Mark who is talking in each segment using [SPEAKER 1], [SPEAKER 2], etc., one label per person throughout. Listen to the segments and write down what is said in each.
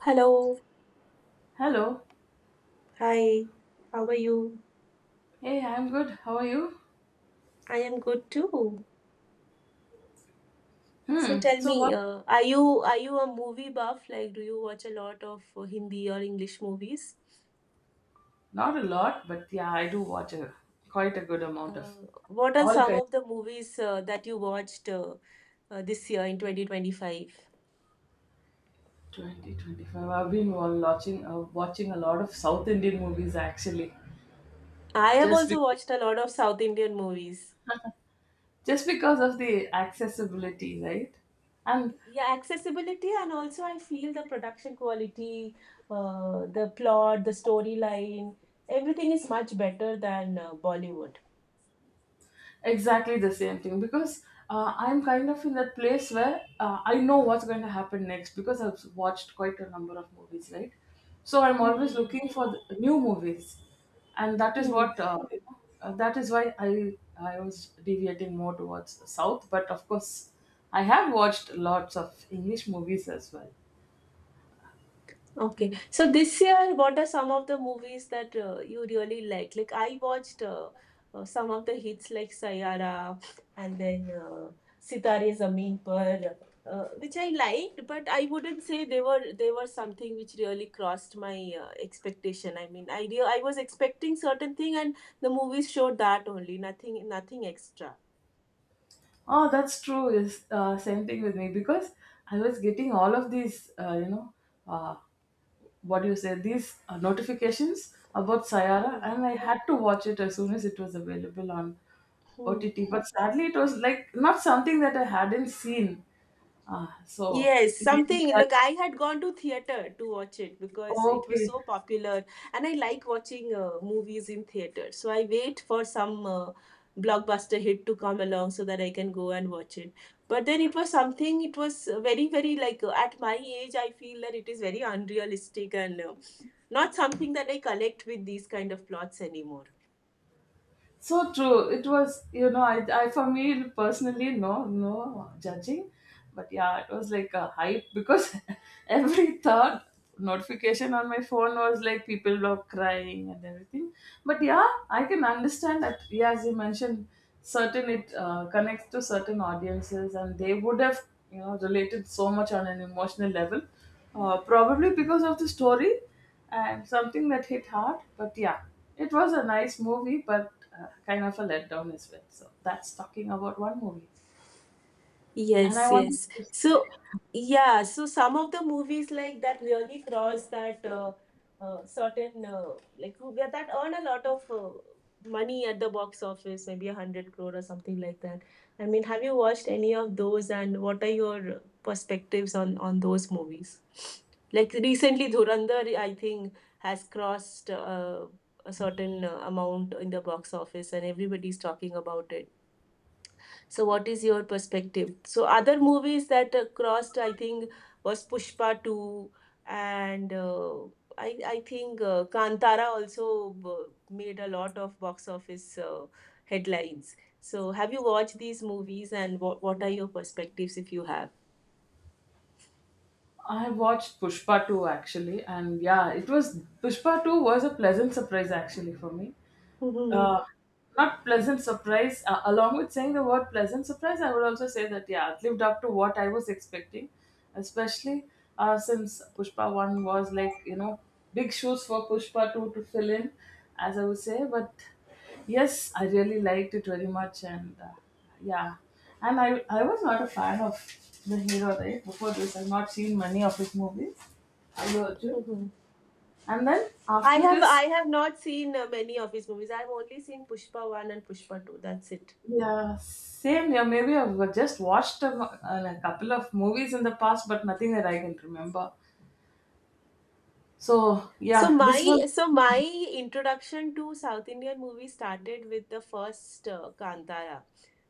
[SPEAKER 1] Hello,
[SPEAKER 2] Hello.
[SPEAKER 1] hi. How are you?
[SPEAKER 2] Hey, I'm good. How are you?
[SPEAKER 1] I am good too. So
[SPEAKER 2] Hmm.
[SPEAKER 1] tell
[SPEAKER 2] So
[SPEAKER 1] me,
[SPEAKER 2] what?
[SPEAKER 1] are you a movie buff? Like, do you watch a lot of Hindi or English movies?
[SPEAKER 2] Not a lot, but yeah, I do watch a quite a good amount
[SPEAKER 1] Uh,
[SPEAKER 2] of
[SPEAKER 1] what are
[SPEAKER 2] all
[SPEAKER 1] some
[SPEAKER 2] kinds.
[SPEAKER 1] of the movies that you watched this year in 2025?
[SPEAKER 2] 2025. I've been watching a lot of South Indian movies, actually,
[SPEAKER 1] I have
[SPEAKER 2] just
[SPEAKER 1] also
[SPEAKER 2] because
[SPEAKER 1] watched a lot of South Indian movies.
[SPEAKER 2] just because of the accessibility, right? And
[SPEAKER 1] Yeah, accessibility and also I feel the production quality, the plot, the storyline, everything is much better than Bollywood.
[SPEAKER 2] exactly the same thing because I'm kind of in that place where I know what's going to happen next because I've watched quite a number of movies, right? So I'm
[SPEAKER 1] Hmm, hmm,
[SPEAKER 2] always
[SPEAKER 1] hmm.
[SPEAKER 2] looking for the new movies, and that is
[SPEAKER 1] Hmm.
[SPEAKER 2] what you know, that is why I was deviating more towards the south. But of course, I have watched lots of English movies as well.
[SPEAKER 1] Okay. So this year, what are some of the movies that you really like? Like I watched some of the hits like Sayara and then Sitare Zameen Par, which I liked, but I wouldn't say they were something which really crossed my expectation. I mean, I was expecting certain thing, and the movies showed that only, nothing extra.
[SPEAKER 2] Oh, that's true. Is same thing with me because I was getting all of these, uh, what do you say these notifications about Sayara,
[SPEAKER 1] Hmm.
[SPEAKER 2] and I had to watch it as soon as it was available on OTT. But sadly, it was like not something that I hadn't seen. So
[SPEAKER 1] Yes, something.
[SPEAKER 2] yeah,
[SPEAKER 1] Look, I had gone to theater to watch it because it was
[SPEAKER 2] okay.
[SPEAKER 1] so popular, and I like watching movies in theater. So I wait for some blockbuster hit to come along so that I can go and watch it. But then it was something. It was very, very like at my age, I feel that it is very unrealistic and not something that I collect with these kind of plots anymore.
[SPEAKER 2] So true. It was, I, for me personally, no, no judging, but yeah, it was like a hype because every third notification on my phone was like people were crying and everything. But yeah, I can understand that. Yeah, as you mentioned, certain it connects to certain audiences, and they would have, related so much on an emotional level, probably because of the story and something that hit hard. But yeah, it was a nice movie, but kind of a letdown as well. So that's talking about one movie. And I
[SPEAKER 1] Yes,
[SPEAKER 2] wanted
[SPEAKER 1] yes.
[SPEAKER 2] to say,
[SPEAKER 1] So, yeah, so some of the movies like that really cross that certain, like, yeah, that earn a lot of money at the box office, maybe a hundred crore or something like that. I mean, have you watched any of those, and what are your perspectives on those movies? Like recently, Dhurandhar, I think, has crossed a certain amount in the box office, and everybody's talking about it, so what is your perspective? So, other movies that crossed, I think, was Pushpa 2, and I think Kantara also made a lot of box office headlines. So, have you watched these movies, and what are your perspectives if you have?
[SPEAKER 2] I watched Pushpa 2, actually, and yeah, it was Pushpa 2 was a pleasant surprise, actually, for me.
[SPEAKER 1] Mhm,
[SPEAKER 2] uh, not pleasant surprise. Along with saying the word pleasant surprise, I would also say that, yeah, it lived up to what I was expecting, especially since Pushpa 1 was like big shoes for Pushpa 2 to fill in, as I would say. But yes, I really liked it very much, and yeah, and I was not a fan of the hero right before this. I've not seen many of his movies. Allu Arjun.
[SPEAKER 1] mhm.
[SPEAKER 2] And then
[SPEAKER 1] I
[SPEAKER 2] after
[SPEAKER 1] have I
[SPEAKER 2] this.
[SPEAKER 1] have not seen many of his movies. I've only seen Pushpa 1 and Pushpa 2. That's it.
[SPEAKER 2] Yeah, same here. Maybe I've just watched a couple of movies in the past, but nothing that I can remember. So,
[SPEAKER 1] So
[SPEAKER 2] yeah,
[SPEAKER 1] my
[SPEAKER 2] this was.
[SPEAKER 1] so my introduction to South Indian movies started with the first Kantara,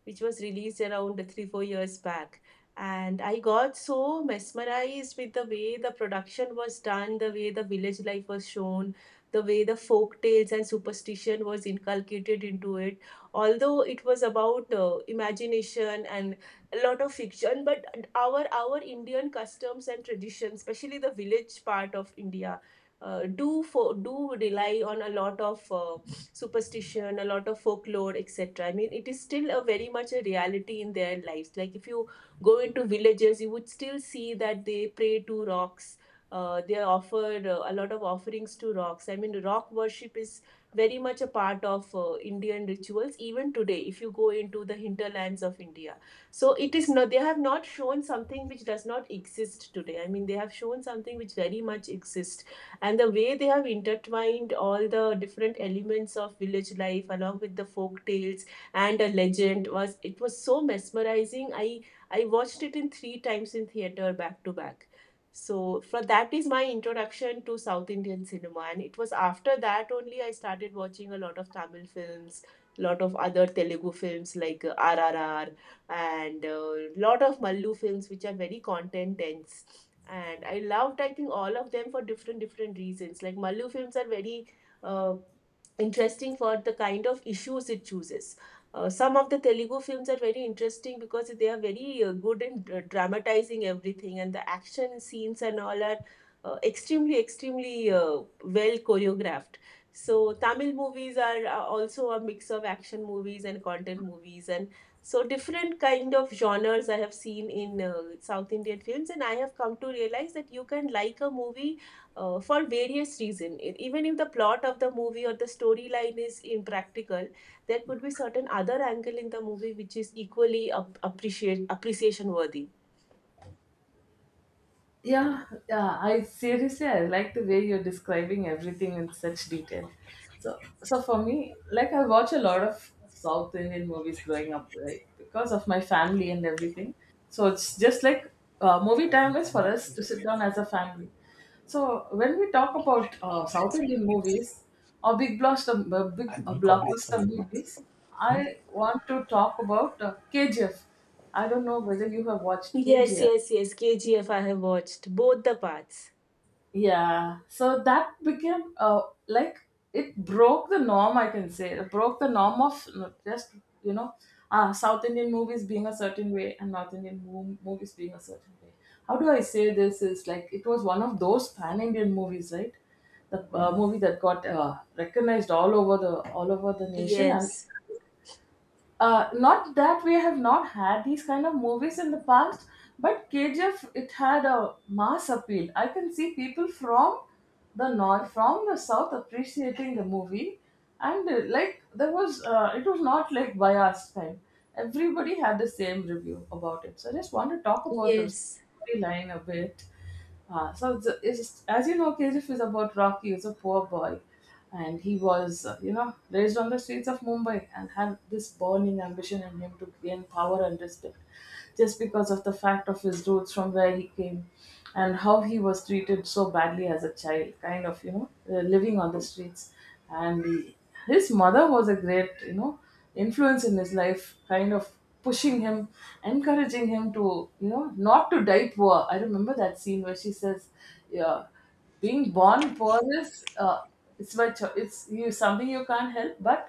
[SPEAKER 1] which was released around 3 4 years back, and I got so mesmerized with the way the production was done, the way the village life was shown, the way the folk tales and superstition was inculcated into it. Although it was about imagination and a lot of fiction, but our Indian customs and traditions, especially the village part of India do rely on a lot of superstition, a lot of folklore, etc. I mean, it is still a very much a reality in their lives. Like if you go into villages, you would still see that they pray to rocks. They offer a lot of offerings to rocks. I mean, rock worship is very much a part of Indian rituals even today. If you go into the hinterlands of India, so it is not. They have not shown something which does not exist today. I mean, they have shown something which very much exists, and the way they have intertwined all the different elements of village life along with the folk tales and a legend, was it was so mesmerizing. I watched it in three times in theater back to back, so for that is my introduction to South Indian cinema, and it was after that only I started watching a lot of Tamil films, lot of other Telugu films like RRR, and a lot of Mallu films which are very content dense, and I loved, I think, all of them for different reasons. Like Malu films are very uh, interesting for the kind of issues it chooses. Some of the Telugu films are very interesting because they are very good in dramatizing everything, and the action scenes and all are extremely, extremely well choreographed. So, Tamil movies are also a mix of action movies and content movies, and so different kind of genres I have seen in South Indian films, and I have come to realize that you can like a movie for various reasons. Even if the plot of the movie or the storyline is impractical, there could be certain other angle in the movie which is equally ap- appreciate appreciation worthy.
[SPEAKER 2] Yeah, yeah. I like the way you're describing everything in such detail. So, for me, like I watch a lot of South Indian movies growing up, right? Because of my family and everything. So it's just like movie time is for us to sit down as a family. So when we talk about South Indian movies or big blockbuster movies, I want to talk about KGF. I don't know whether you have watched
[SPEAKER 1] Yes,
[SPEAKER 2] KGF.
[SPEAKER 1] yes, yes. KGF I have watched both the parts.
[SPEAKER 2] Yeah, so that became like it broke the norm, I can say. It broke the norm of, no, just, you know, South Indian movies being a certain way and North Indian movies being a certain way. How do I say this? Is like it was one of those pan Indian movies, right? The movie that got recognized all over the nation. And
[SPEAKER 1] Yes,
[SPEAKER 2] not that we have not had these kind of movies in the past, but KGF, it had a mass appeal. I can see people from the north, from the south appreciating the movie, and like it was not like biased kind. Everybody had the same review about it. So I just want to talk about the
[SPEAKER 1] yes.
[SPEAKER 2] storyline a bit. So it's, as you know, KGF is about Rocky. He's a poor boy, and he was, raised on the streets of Mumbai and had this burning ambition in him to gain power and respect, just because of the fact of his roots from where he came, and how he was treated so badly as a child, kind of, living on the streets, and his mother was a great, influence in his life, kind of pushing him, encouraging him to, not to die poor. I remember that scene where she says, yeah, being born poor is, it's by cho- it's you something you can't help, but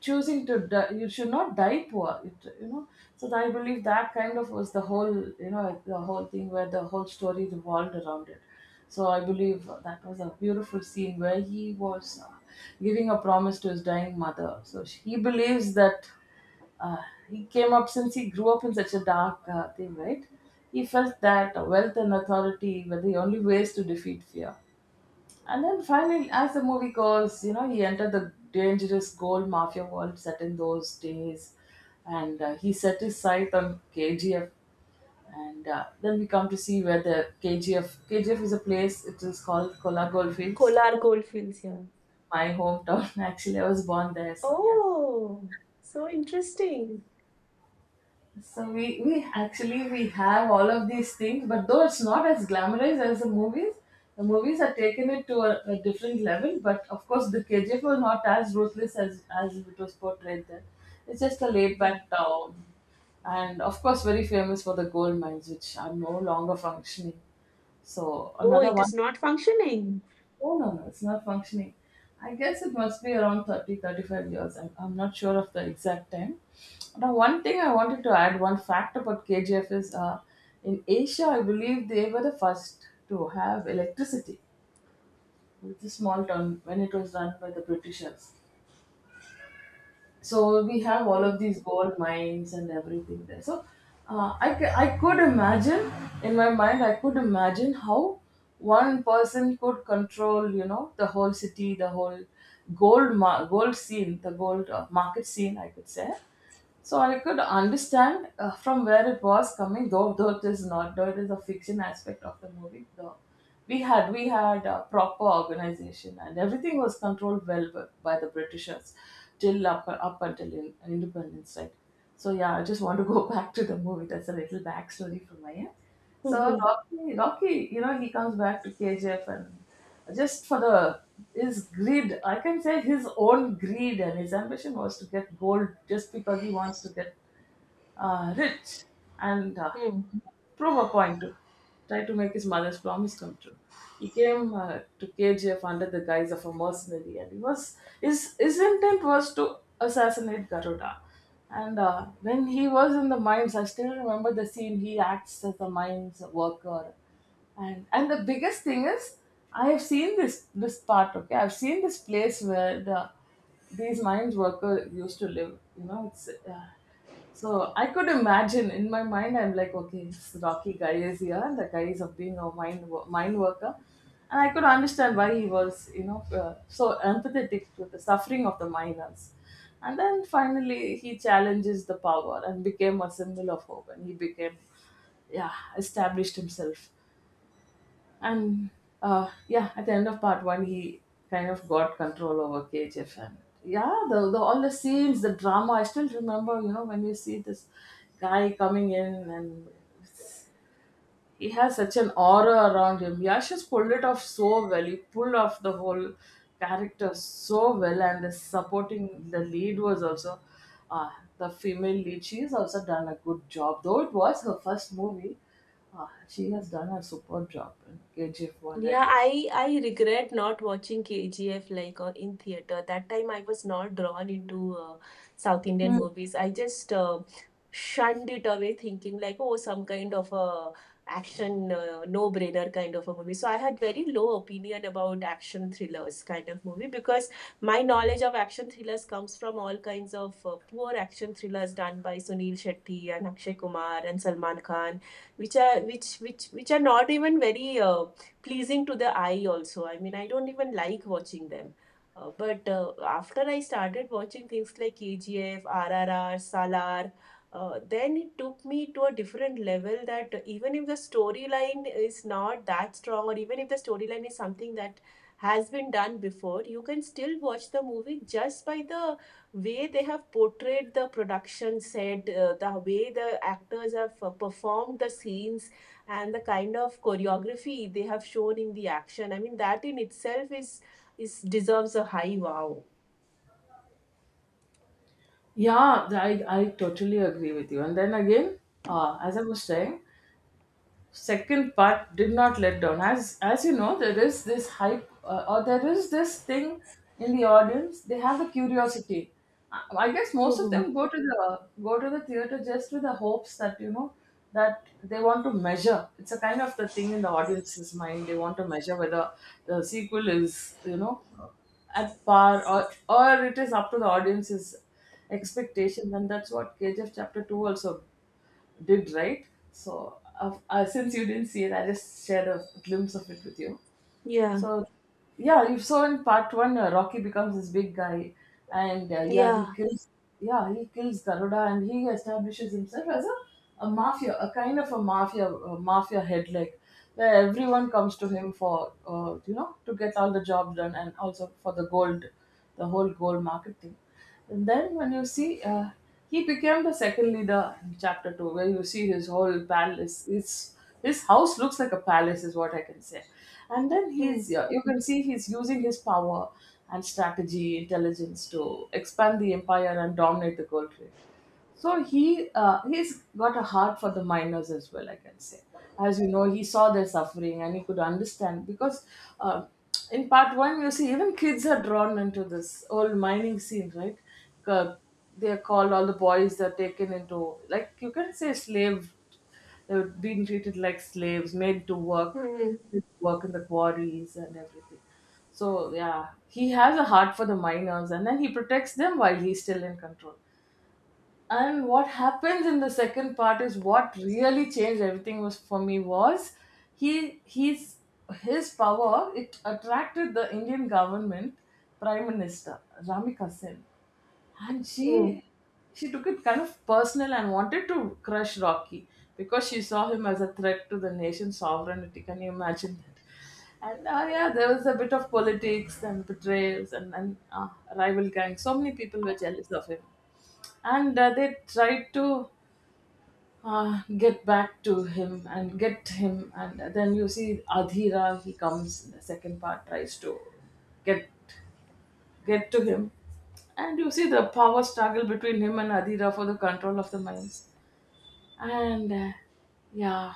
[SPEAKER 2] choosing to die, you should not die poor. So I believe that kind of was the whole thing where the whole story revolved around it. So I believe that was a beautiful scene where he was giving a promise to his dying mother. So he believes that uh, he came up since he grew up in such a dark thing, right? He felt that wealth and authority were the only ways to defeat fear. And then finally, as the movie goes, he entered the dangerous gold mafia world set in those days, and he set his sight on KGF. And then we come to see where the KGF KGF is a place. It is called Kola Goldfields,
[SPEAKER 1] Kolar Goldfields, yeah.
[SPEAKER 2] my hometown. Actually, I was born there, so yeah.
[SPEAKER 1] Oh, so interesting.
[SPEAKER 2] So we have all of these things, but though it's not as glamorous as the movies are taken it to a different level. But of course, the KGF was not as ruthless as it was portrayed there. It's just a laid
[SPEAKER 1] Mhm.
[SPEAKER 2] back town, and of course, very famous for the gold mines, which are no longer functioning. So
[SPEAKER 1] Oh,
[SPEAKER 2] another
[SPEAKER 1] it is
[SPEAKER 2] one.
[SPEAKER 1] not functioning.
[SPEAKER 2] Oh, no, no, it's not functioning. I guess it must be around 30 35 years. I'm not sure of the exact time. Now, one thing I wanted to add, one fact about KGF is in Asia, I believe they were the first to have electricity. It's a small town when it was run by the Britishers, so we have all
[SPEAKER 1] Hmm.
[SPEAKER 2] of these gold mines and everything there. So I could imagine in my mind, I could imagine how one person could control, the whole city, the whole gold scene, the gold market scene, I could say. So I could understand from where it was coming, though it is not, though it is a fiction aspect of the movie. Though we had a proper organization and everything was controlled well by the Britishers till up until independence, right? So yeah, I just want to go back to the movie. That's a little backstory from my end. So
[SPEAKER 1] Hmm.
[SPEAKER 2] Rocky, he comes back to KGF and just for the his greed, I can say his own greed, and his ambition was to get gold just because he wants to get rich and prove a point. Try to make his mother's promise come true. He came to KGF under the guise of a mercenary, and he was his intent was to assassinate Garuda. And when he was in the mines, I still remember the scene. He acts as a mines worker, and the biggest thing is, I have seen this part. Okay, I've seen this place where these mines workers used to live. You know, it's. So I could imagine in my mind, I'm like, okay, this Rocky guy is here. The guy is of being a mind worker, and I could understand why he was, so empathetic to the suffering of the miners. And then finally, he challenges the power and became a symbol of hope, and he became, yeah, established himself. And yeah, at the end of part one, he kind of got control over KGF. And yeah, the all the scenes, the drama. I still remember, when you see this guy coming in, and he has such an aura around him. Yash has pulled it off so well. He pulled off the whole character so well, and the lead was also. Uh, the female lead, she has also done a good job, though it was her first movie. She has done a super job in KGF 1.
[SPEAKER 1] Yeah, I regret not watching KGF like in theater. That time I was not drawn into South Indian
[SPEAKER 2] Mm.
[SPEAKER 1] movies. I just Shunned it away, thinking like, oh, some kind of a action no-brainer kind of a movie. So I had very low opinion about action thrillers kind of movie because my knowledge of action thrillers comes from all kinds of poor action thrillers done by Sunil Shetty and Akshay Kumar and Salman Khan, which which are not even very. Pleasing to the eye also. I mean I don't even like watching them, but after I started watching things like KGF, RRR, Salar, then it took me to a different level, that even if the storyline is not that strong, or even if the storyline is something that has been done before, you can still watch the movie just by the way they have portrayed the production set, the way the actors have performed the scenes, and the kind of choreography they have shown in the action. I mean that in itself is deserves a high wow.
[SPEAKER 2] Yeah, I totally agree with you. And then again, as I was saying, second part did not let down, as you know, there is this hype, or there is this thing in the audience, they have the curiosity. i I guess most of them go to the theater just with the hopes that you know that they want to measure. It's a kind of the thing in the audience's mind. They want to measure whether the sequel is, you know, at par, or it is up to the audience's expectations. And that's what kgf chapter 2 also did, right? So, since you didn't see it, I just shared a glimpse of it with you.
[SPEAKER 1] Yeah,
[SPEAKER 2] So, yeah, you saw in part one, Rocky becomes this big guy, and
[SPEAKER 1] yeah.
[SPEAKER 2] yeah, he kills Garuda, and he establishes himself as a mafia, a kind of a mafia head, like where everyone comes to him for, to get all the jobs done, and also for the gold, the whole gold market thing. And then when you see, he became the second leader in chapter two, where you see his whole palace. His house looks like a palace, is what I can say. And then
[SPEAKER 1] Hmm.
[SPEAKER 2] he's you can see he's using his power and strategy, intelligence to expand the empire and dominate the gold trade. So he's got a heart for the miners as well, I can say. As you know, he saw their suffering and he could understand, because uh, in part one you see even kids are drawn into this old mining scene, right? Uh, They're called, all the boys are taken into, like, you can say slave. They're being treated like slaves,
[SPEAKER 1] Hmm.
[SPEAKER 2] made to work in the quarries and everything. So yeah, he has a heart for the miners, and then he protects them while he's still in control. And what happens in the second part, is what really changed everything, was for me was he he's his power, it attracted the Indian government prime minister, Ramika Kasin, and
[SPEAKER 1] Hmm.
[SPEAKER 2] she took it kind of personal and wanted to crush Rocky because she saw him as a threat to the nation's sovereignty. Can you imagine that? And yeah, there was a bit of politics and betrayals, and rival gangs. So many people were jealous of him, and they tried to get back to him and get him. And then you see Adhira, he comes in the second part, tries to get get to him. And you see the power struggle between him and Adira for the control of the mines. And yeah,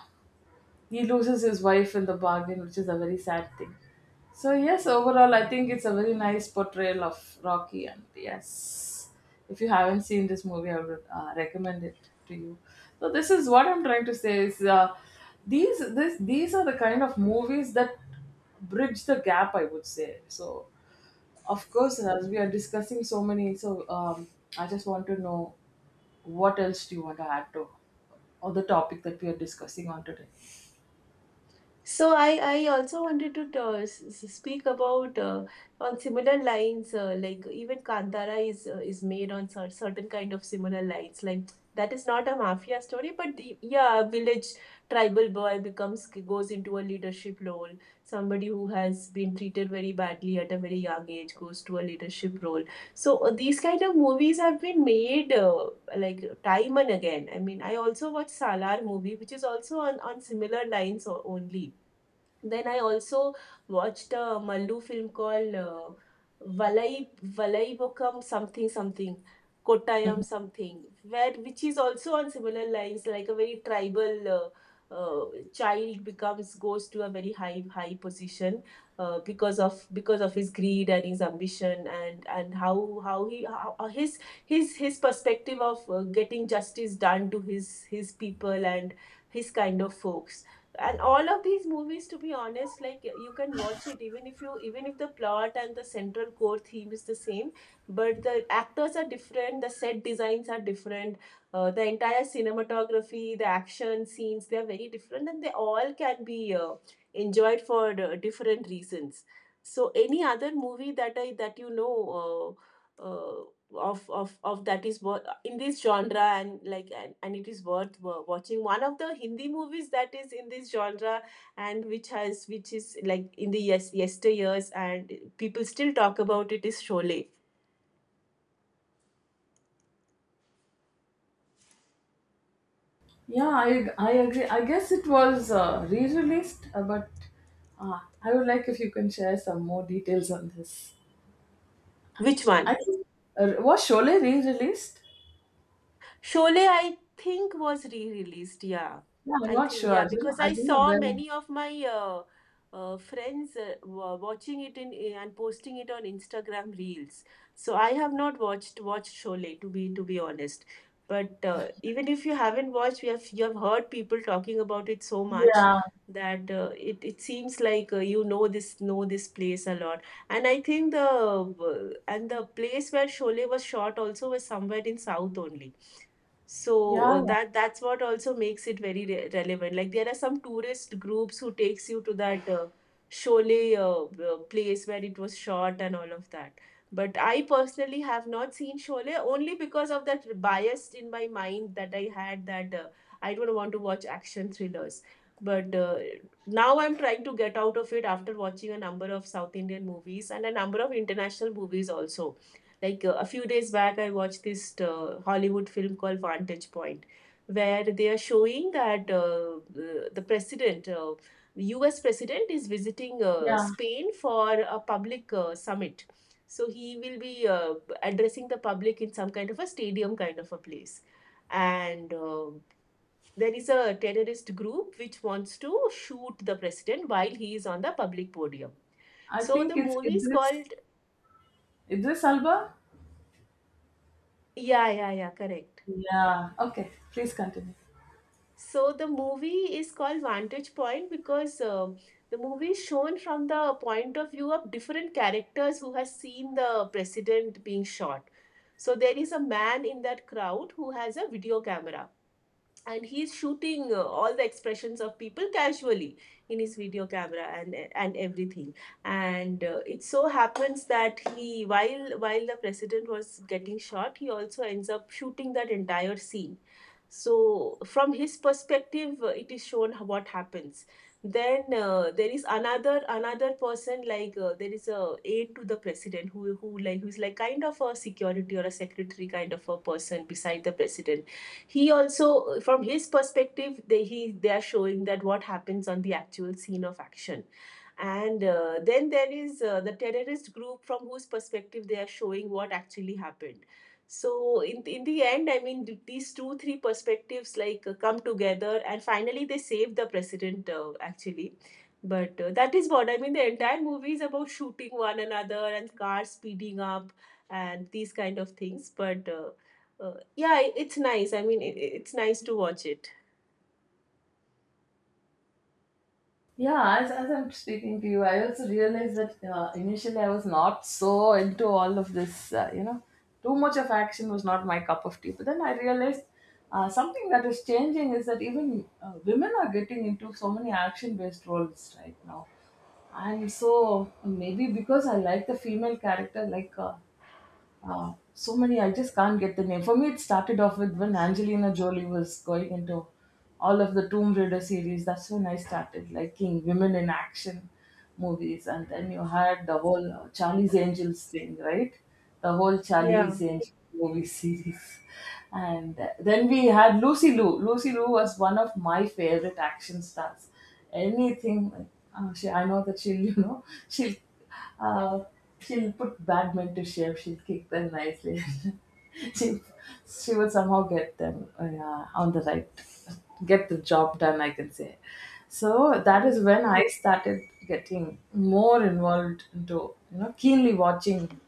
[SPEAKER 2] he loses his wife in the bargain, which is a very sad thing. So yes, overall, I think it's a very nice portrayal of Rocky. And yes, if you haven't seen this movie, I would recommend it to you. So this is what I'm trying to say is, these, this these are the kind of movies that bridge the gap, I would say. So of course, as we are discussing so many, so I just want to know what else do you want to add to, or the topic that we are discussing on today?
[SPEAKER 1] So I also wanted to speak about on similar lines, like even Kantara is made on certain kind of similar lines, like that is not a mafia story, but the, yeah, a village tribal boy becomes goes into a leadership role, somebody who has been treated very badly at a very young age goes to a leadership role. So these kind of movies have been made, like time and again. I mean I also watched Salar movie, which is also on similar lines only. Then I also watched a Mallu film called Valai Valaibokam something something Kottayam
[SPEAKER 2] Mhm.
[SPEAKER 1] something, where which is also on similar lines, like a very tribal child becomes goes to a very high position, because of his greed and his ambition, and how his his perspective of getting justice done to his people and his kind of folks. And all of these movies, to be honest, like you can watch it, even if you even if the plot and the central core theme is the same, but the actors are different, the set designs are different, the entire cinematography, the action scenes, they are very different, and they all can be enjoyed for different reasons. So any other movie that I that you know uh, uh, of that is in this genre, and like and it is worth watching. One of the Hindi movies that is in this genre, and which has which is like in the yesteryears and people still talk about it, is Sholay.
[SPEAKER 2] Yeah, I agree. I guess it was re released, but I would like if you can share some more details on this.
[SPEAKER 1] Which one?
[SPEAKER 2] I think, was Sholay re released?
[SPEAKER 1] Sholay, I think, was re-released. Yeah,
[SPEAKER 2] Yeah, I'm
[SPEAKER 1] I
[SPEAKER 2] not
[SPEAKER 1] think
[SPEAKER 2] sure.
[SPEAKER 1] yeah, because
[SPEAKER 2] I
[SPEAKER 1] I
[SPEAKER 2] don't know
[SPEAKER 1] saw
[SPEAKER 2] when.
[SPEAKER 1] many of my friends watching it in and posting it on Instagram Reels. So I have not watched Sholay, to be honest. But even if you haven't watched, you have heard people talking about it so much
[SPEAKER 2] Yeah,
[SPEAKER 1] that it it seems like you know this place a lot. And I think the place where Sholay was shot also was somewhere in South only, so
[SPEAKER 2] yeah, yeah,
[SPEAKER 1] that's what also makes it very relevant. Like, there are some tourist groups who takes you to that Sholay place where it was shot and all of that. But I personally have not seen Sholay only because of that bias in my mind that I had, that I don't want to watch action thrillers. But Now I'm trying to get out of it after watching a number of South Indian movies and a number of international movies also, like a few days back, I watched this Hollywood film called Vantage Point, where they are showing that the president, the US president, is visiting
[SPEAKER 2] yeah.
[SPEAKER 1] Spain for a public summit. So he will be addressing the public in some kind of a stadium kind of a place. And There is a terrorist group which wants to shoot the president while he is on the public podium.
[SPEAKER 2] I
[SPEAKER 1] So the
[SPEAKER 2] think it's
[SPEAKER 1] movie is
[SPEAKER 2] Idris,
[SPEAKER 1] called,
[SPEAKER 2] Idris Alba.
[SPEAKER 1] yeah, yeah, yeah, correct.
[SPEAKER 2] Yeah, okay, please continue.
[SPEAKER 1] So the movie is called Vantage Point because the movie is shown from the point of view of different characters who has seen the president being shot. So there is a man in that crowd who has a video camera, and he's shooting all the expressions of people casually in his video camera and everything. And it so happens that he while the president was getting shot, he also ends up shooting that entire scene. So from his perspective, it is shown what happens. Then there is another person, like, there is a aide to the president, who's like kind of a security or a secretary kind of a person beside the president. He also, from his perspective, they are showing that what happens on the actual scene of action. And then there is the terrorist group, from whose perspective they are showing what actually happened. So in the end, I mean, these two three perspectives, like, come together, and finally they save the president, actually. But That is what, I mean, the entire movie is about shooting one another and cars speeding up and these kind of things. But Yeah, it's nice. I mean, it's nice to watch it.
[SPEAKER 2] Yeah, as I'm speaking to you, I also realized that initially I was not so into all of this, you know, too much of action was not my cup of tea. But then I realized something that is changing is that even women are getting into so many action based roles right now. And so maybe because I like the female character, like, so many, I just can't get the name. For me, it started off with when Angelina Jolie was going into all of the Tomb Raider series. That's when I started liking women in action movies. And then you had the whole Charlie's Angels thing, right? The whole
[SPEAKER 1] Yeah.
[SPEAKER 2] Charlie's Angels movie series. And then we had Lucy Liu. Lucy Liu was one of my favorite action stars. Anything, she, I know that she'll, you know, uh, she'll put bad men to shame. She'll kick them nicely. she she will somehow get them, yeah, on the right, get the job done, I can say. So that is
[SPEAKER 1] Mm.
[SPEAKER 2] when I started getting more involved into, you know, keenly watching,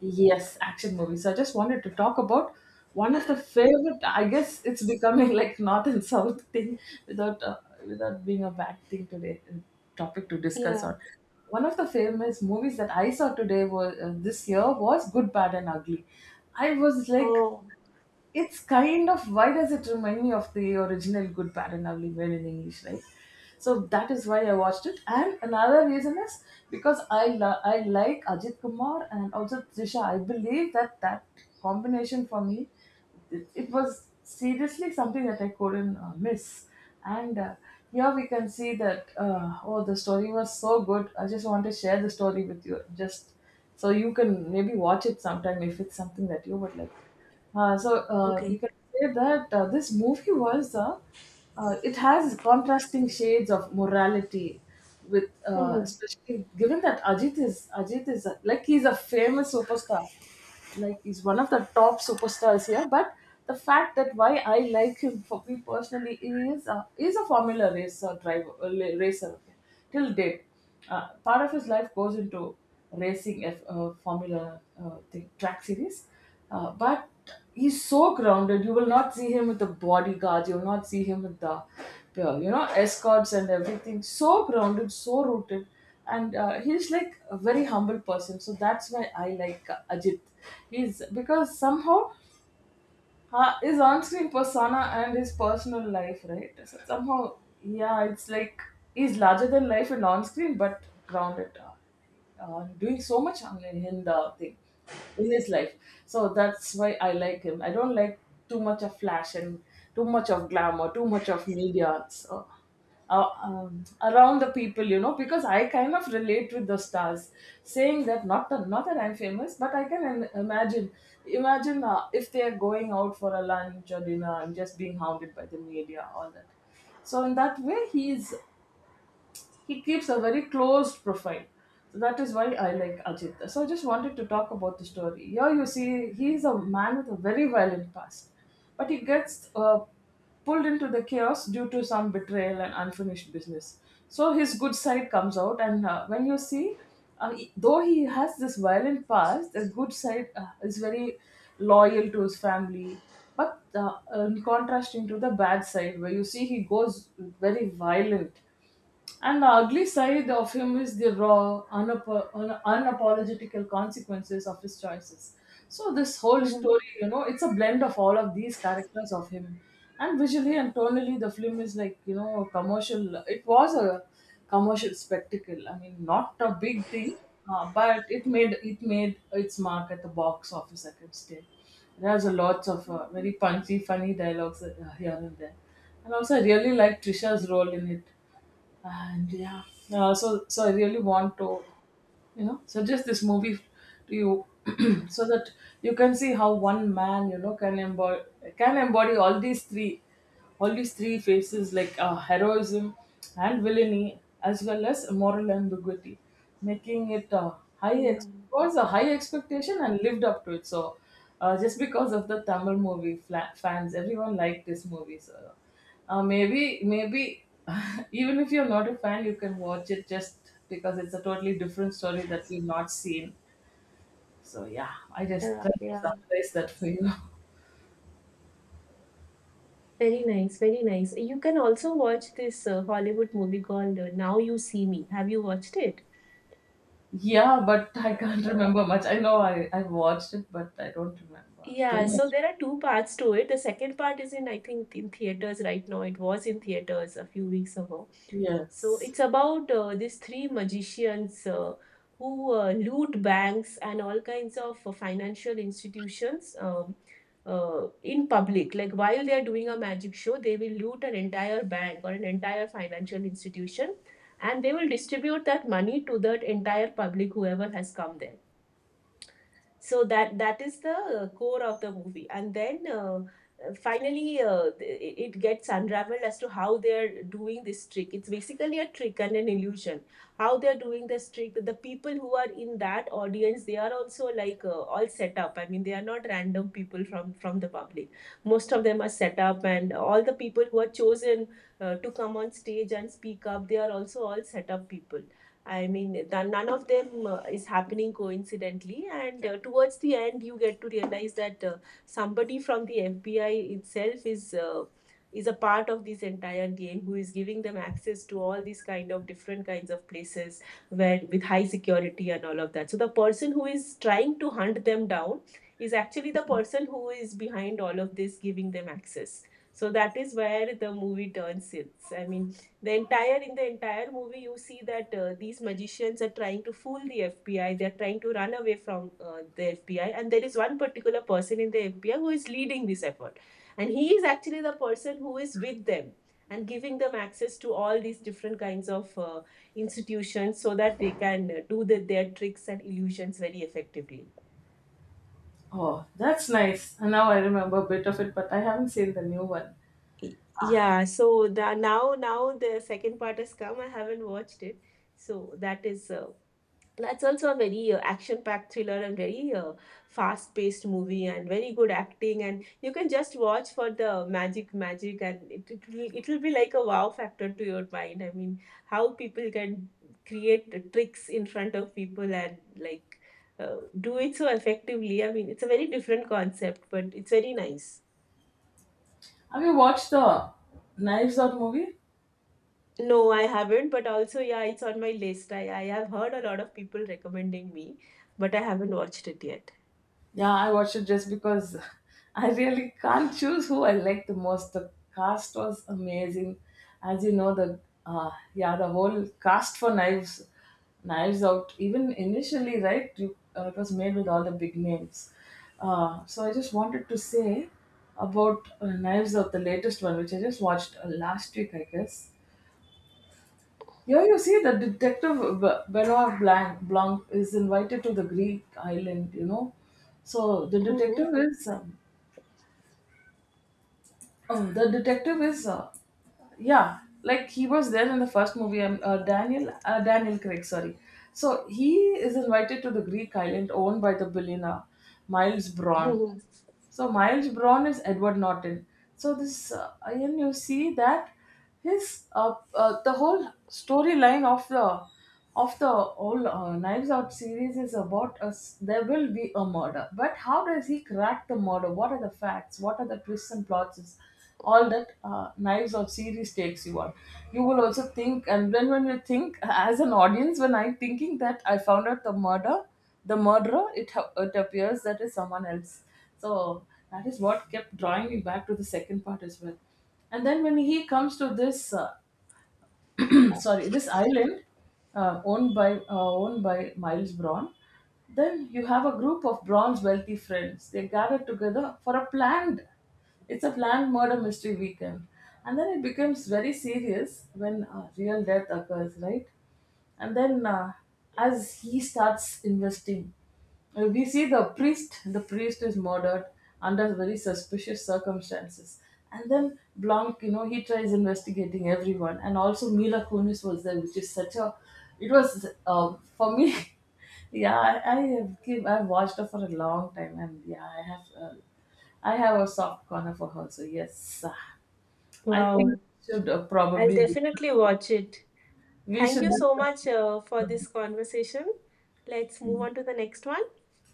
[SPEAKER 2] yes, action movies. So I just wanted to talk about one of the favorite. I guess it's becoming like north and south thing without without being a bad thing today, topic to discuss
[SPEAKER 1] Yeah.
[SPEAKER 2] on. One of the famous movies that I saw today was, this year, was Good, Bad, and Ugly. I was like,
[SPEAKER 1] Oh,
[SPEAKER 2] it's kind of, why does it remind me of the original Good, Bad, and Ugly Men in English, right? So that is why I watched it. And another reason is because I like Ajit Kumar and also Trisha. I believe that that combination for me, it was seriously something that I couldn't miss. And here we can see that, oh, the story was so good. I just want to share the story with you, just so you can maybe watch it sometime if it's something that you would like.
[SPEAKER 1] okay.
[SPEAKER 2] You can say that this movie was, it has contrasting shades of morality with,
[SPEAKER 1] Mm-hmm.
[SPEAKER 2] especially given that Ajit is a- like he's a famous superstar, like he's one of the top superstars here. But the fact that why I like him, for me personally, is, is a formula racer driver, racer, okay? Till date, part of his life goes into racing F, formula, thing, track series, but he's so grounded. You will not see him with the bodyguards. You will not see him with the, you know, escorts and everything. So grounded, so rooted. And he's like a very humble person. So that's why I like Ajit. He's, because somehow his on-screen persona and his personal life, right? So somehow, yeah, it's like he's larger than life and on-screen, but grounded, doing so much on in the thing in his life. So that's why I like him. I don't like too much of flash and too much of glamour, too much of media. So, around the people, you know, because I kind of relate with the stars, saying that, not that, not that I'm famous, but I can im- imagine imagine if they are going out for a lunch or dinner, I'm just being hounded by the media, all that. So in that way, he keeps a very closed profile. So that is why I like Ajit. So I just wanted to talk about the story. Here you see he is a man with a very violent past, but he gets pulled into the chaos due to some betrayal and unfinished business. So his good side comes out, and when you see, though he has this violent past, the good side is very loyal to his family. But in contrast, into the bad side, where you see he goes very violent, and the ugly side of him is the raw, unapologetical consequences of his choices. So this whole
[SPEAKER 1] Mm-hmm.
[SPEAKER 2] story, you know, it's a blend of all of these characters of him. And visually and tonally, the film is like, you know, a commercial. It was a commercial spectacle. I mean, not a big thing, but it made its mark at the box office, I can say. There's a lots of very punchy, funny dialogues, here and there. And also, I really like Trisha's role in it. And yeah, I really want to, you know, suggest this movie to you. So that you can see how one man, you know, can embody all these three, faces, like, heroism and villainy as well as moral ambiguity, making it
[SPEAKER 1] Yeah.
[SPEAKER 2] was a high expectation and lived up to it. So just because of the tamil movie fans, everyone liked this movie. So maybe, even if you're not a fan, you can watch it just because it's a totally different story that you've not seen. So yeah, I just
[SPEAKER 1] Yeah.
[SPEAKER 2] tried to
[SPEAKER 1] Yeah.
[SPEAKER 2] summarize that for you.
[SPEAKER 1] Very nice. Very nice. You can also watch this Hollywood movie called Now You See Me. Have you watched it?
[SPEAKER 2] Yeah, but I can't remember much. I know I watched it, but I don't remember too
[SPEAKER 1] Yeah, so
[SPEAKER 2] much.
[SPEAKER 1] there are two parts to it. The second part is in, I think, in theaters right now. It was in theaters a few weeks ago. So
[SPEAKER 2] Yes.
[SPEAKER 1] it's about these three magicians who loot banks and all kinds of financial institutions, in public. Like, while they are doing a magic show, they will loot an entire bank or an entire financial institution, and they will distribute that money to that entire public, whoever has come there. So that that is the core of the movie. And then finally, it gets unraveled as to how they're doing this trick. It's basically a trick and an illusion. How they're doing this trick: the people who are in that audience, they are also, like, all set up. I mean, they are not random people from the public. Most of them are set up, and all the people who are chosen to come on stage and speak up, they are also all set up people. I mean, none of them is happening coincidentally. And towards the end, you get to realize that somebody from the FBI itself is, is a part of this entire game, who is giving them access to all these kind of different kinds of places where with high security and all of that. So the person who is trying to hunt them down is actually the person who is behind all of this, giving them access. So that is where the movie turns its. I mean, the entire, in the entire movie, you see that these magicians are trying to fool the FBI. They're trying to run away from the FBI, and there is one particular person in the FBI who is leading this effort, and he is actually the person who is with them and giving them access to all these different kinds of institutions so that they can do their tricks and illusions very effectively.
[SPEAKER 2] Oh, that's nice. And now I remember a bit of it, but I haven't seen the new one.
[SPEAKER 1] Yeah so the, now now the second part has come. I haven't watched it. So that is that's also a very action-packed thriller and very fast-paced movie and very good acting, and you can just watch for the magic and it will be like a wow factor to your mind. I mean, how people can create tricks in front of people and like, uh, do it so effectively. I mean, it's a very different concept, but it's very nice.
[SPEAKER 2] Have you watched the Knives Out movie?
[SPEAKER 1] No, I haven't, but also, yeah, it's on my list. I have heard a lot of people recommending me, but I haven't watched it yet.
[SPEAKER 2] Yeah, I watched it just because I really can't choose who I like the most. The cast was amazing. As you know, the, yeah, the whole cast for Knives, Knives Out. Even initially, right? You, it was made with all the big names. So I just wanted to say about Knives Out, the latest one, which I just watched last week, I guess. Here you see that Benoit Blanc, Blanc is invited to the Greek island, you know. So the
[SPEAKER 1] Hmm.
[SPEAKER 2] detective is, oh, the detective is, yeah, like he was there in the first movie, Daniel Craig, sorry. So he is invited to the Greek island owned by the billionaire Miles Braun. So Miles Braun is Edward Norton. So this, and you see that his the whole storyline of the whole Knives Out series is about us. There will be a murder, but how does he crack the murder? What are the facts? What are the twists and plots? Is all that Knives Out series takes you on. You will also think, and then when you think as an audience, when I'm thinking that I found out the murderer, it appears that is someone else. So that is what kept drawing me back to the second part as well. And then when he comes to this, sorry, this island, owned by Miles Braun, then you have a group of Braun's wealthy friends. They gather together for a planned, it's a planned murder mystery weekend. And then it becomes very serious when real death occurs, right? And then, as he starts investing, we see the priest is murdered under very suspicious circumstances. And then Blanc, you know, he tries investigating everyone. And also Mila Kunis was there, which is such a, it was, for me, yeah, I have give, I've watched her for a long time. And yeah, I have a soft corner for her. So yes, I think we
[SPEAKER 1] Wow,
[SPEAKER 2] should
[SPEAKER 1] I'll
[SPEAKER 2] probably
[SPEAKER 1] definitely watch it.
[SPEAKER 2] we
[SPEAKER 1] Thank
[SPEAKER 2] should
[SPEAKER 1] you so much for this conversation. Let's move on to the next one.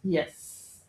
[SPEAKER 2] yes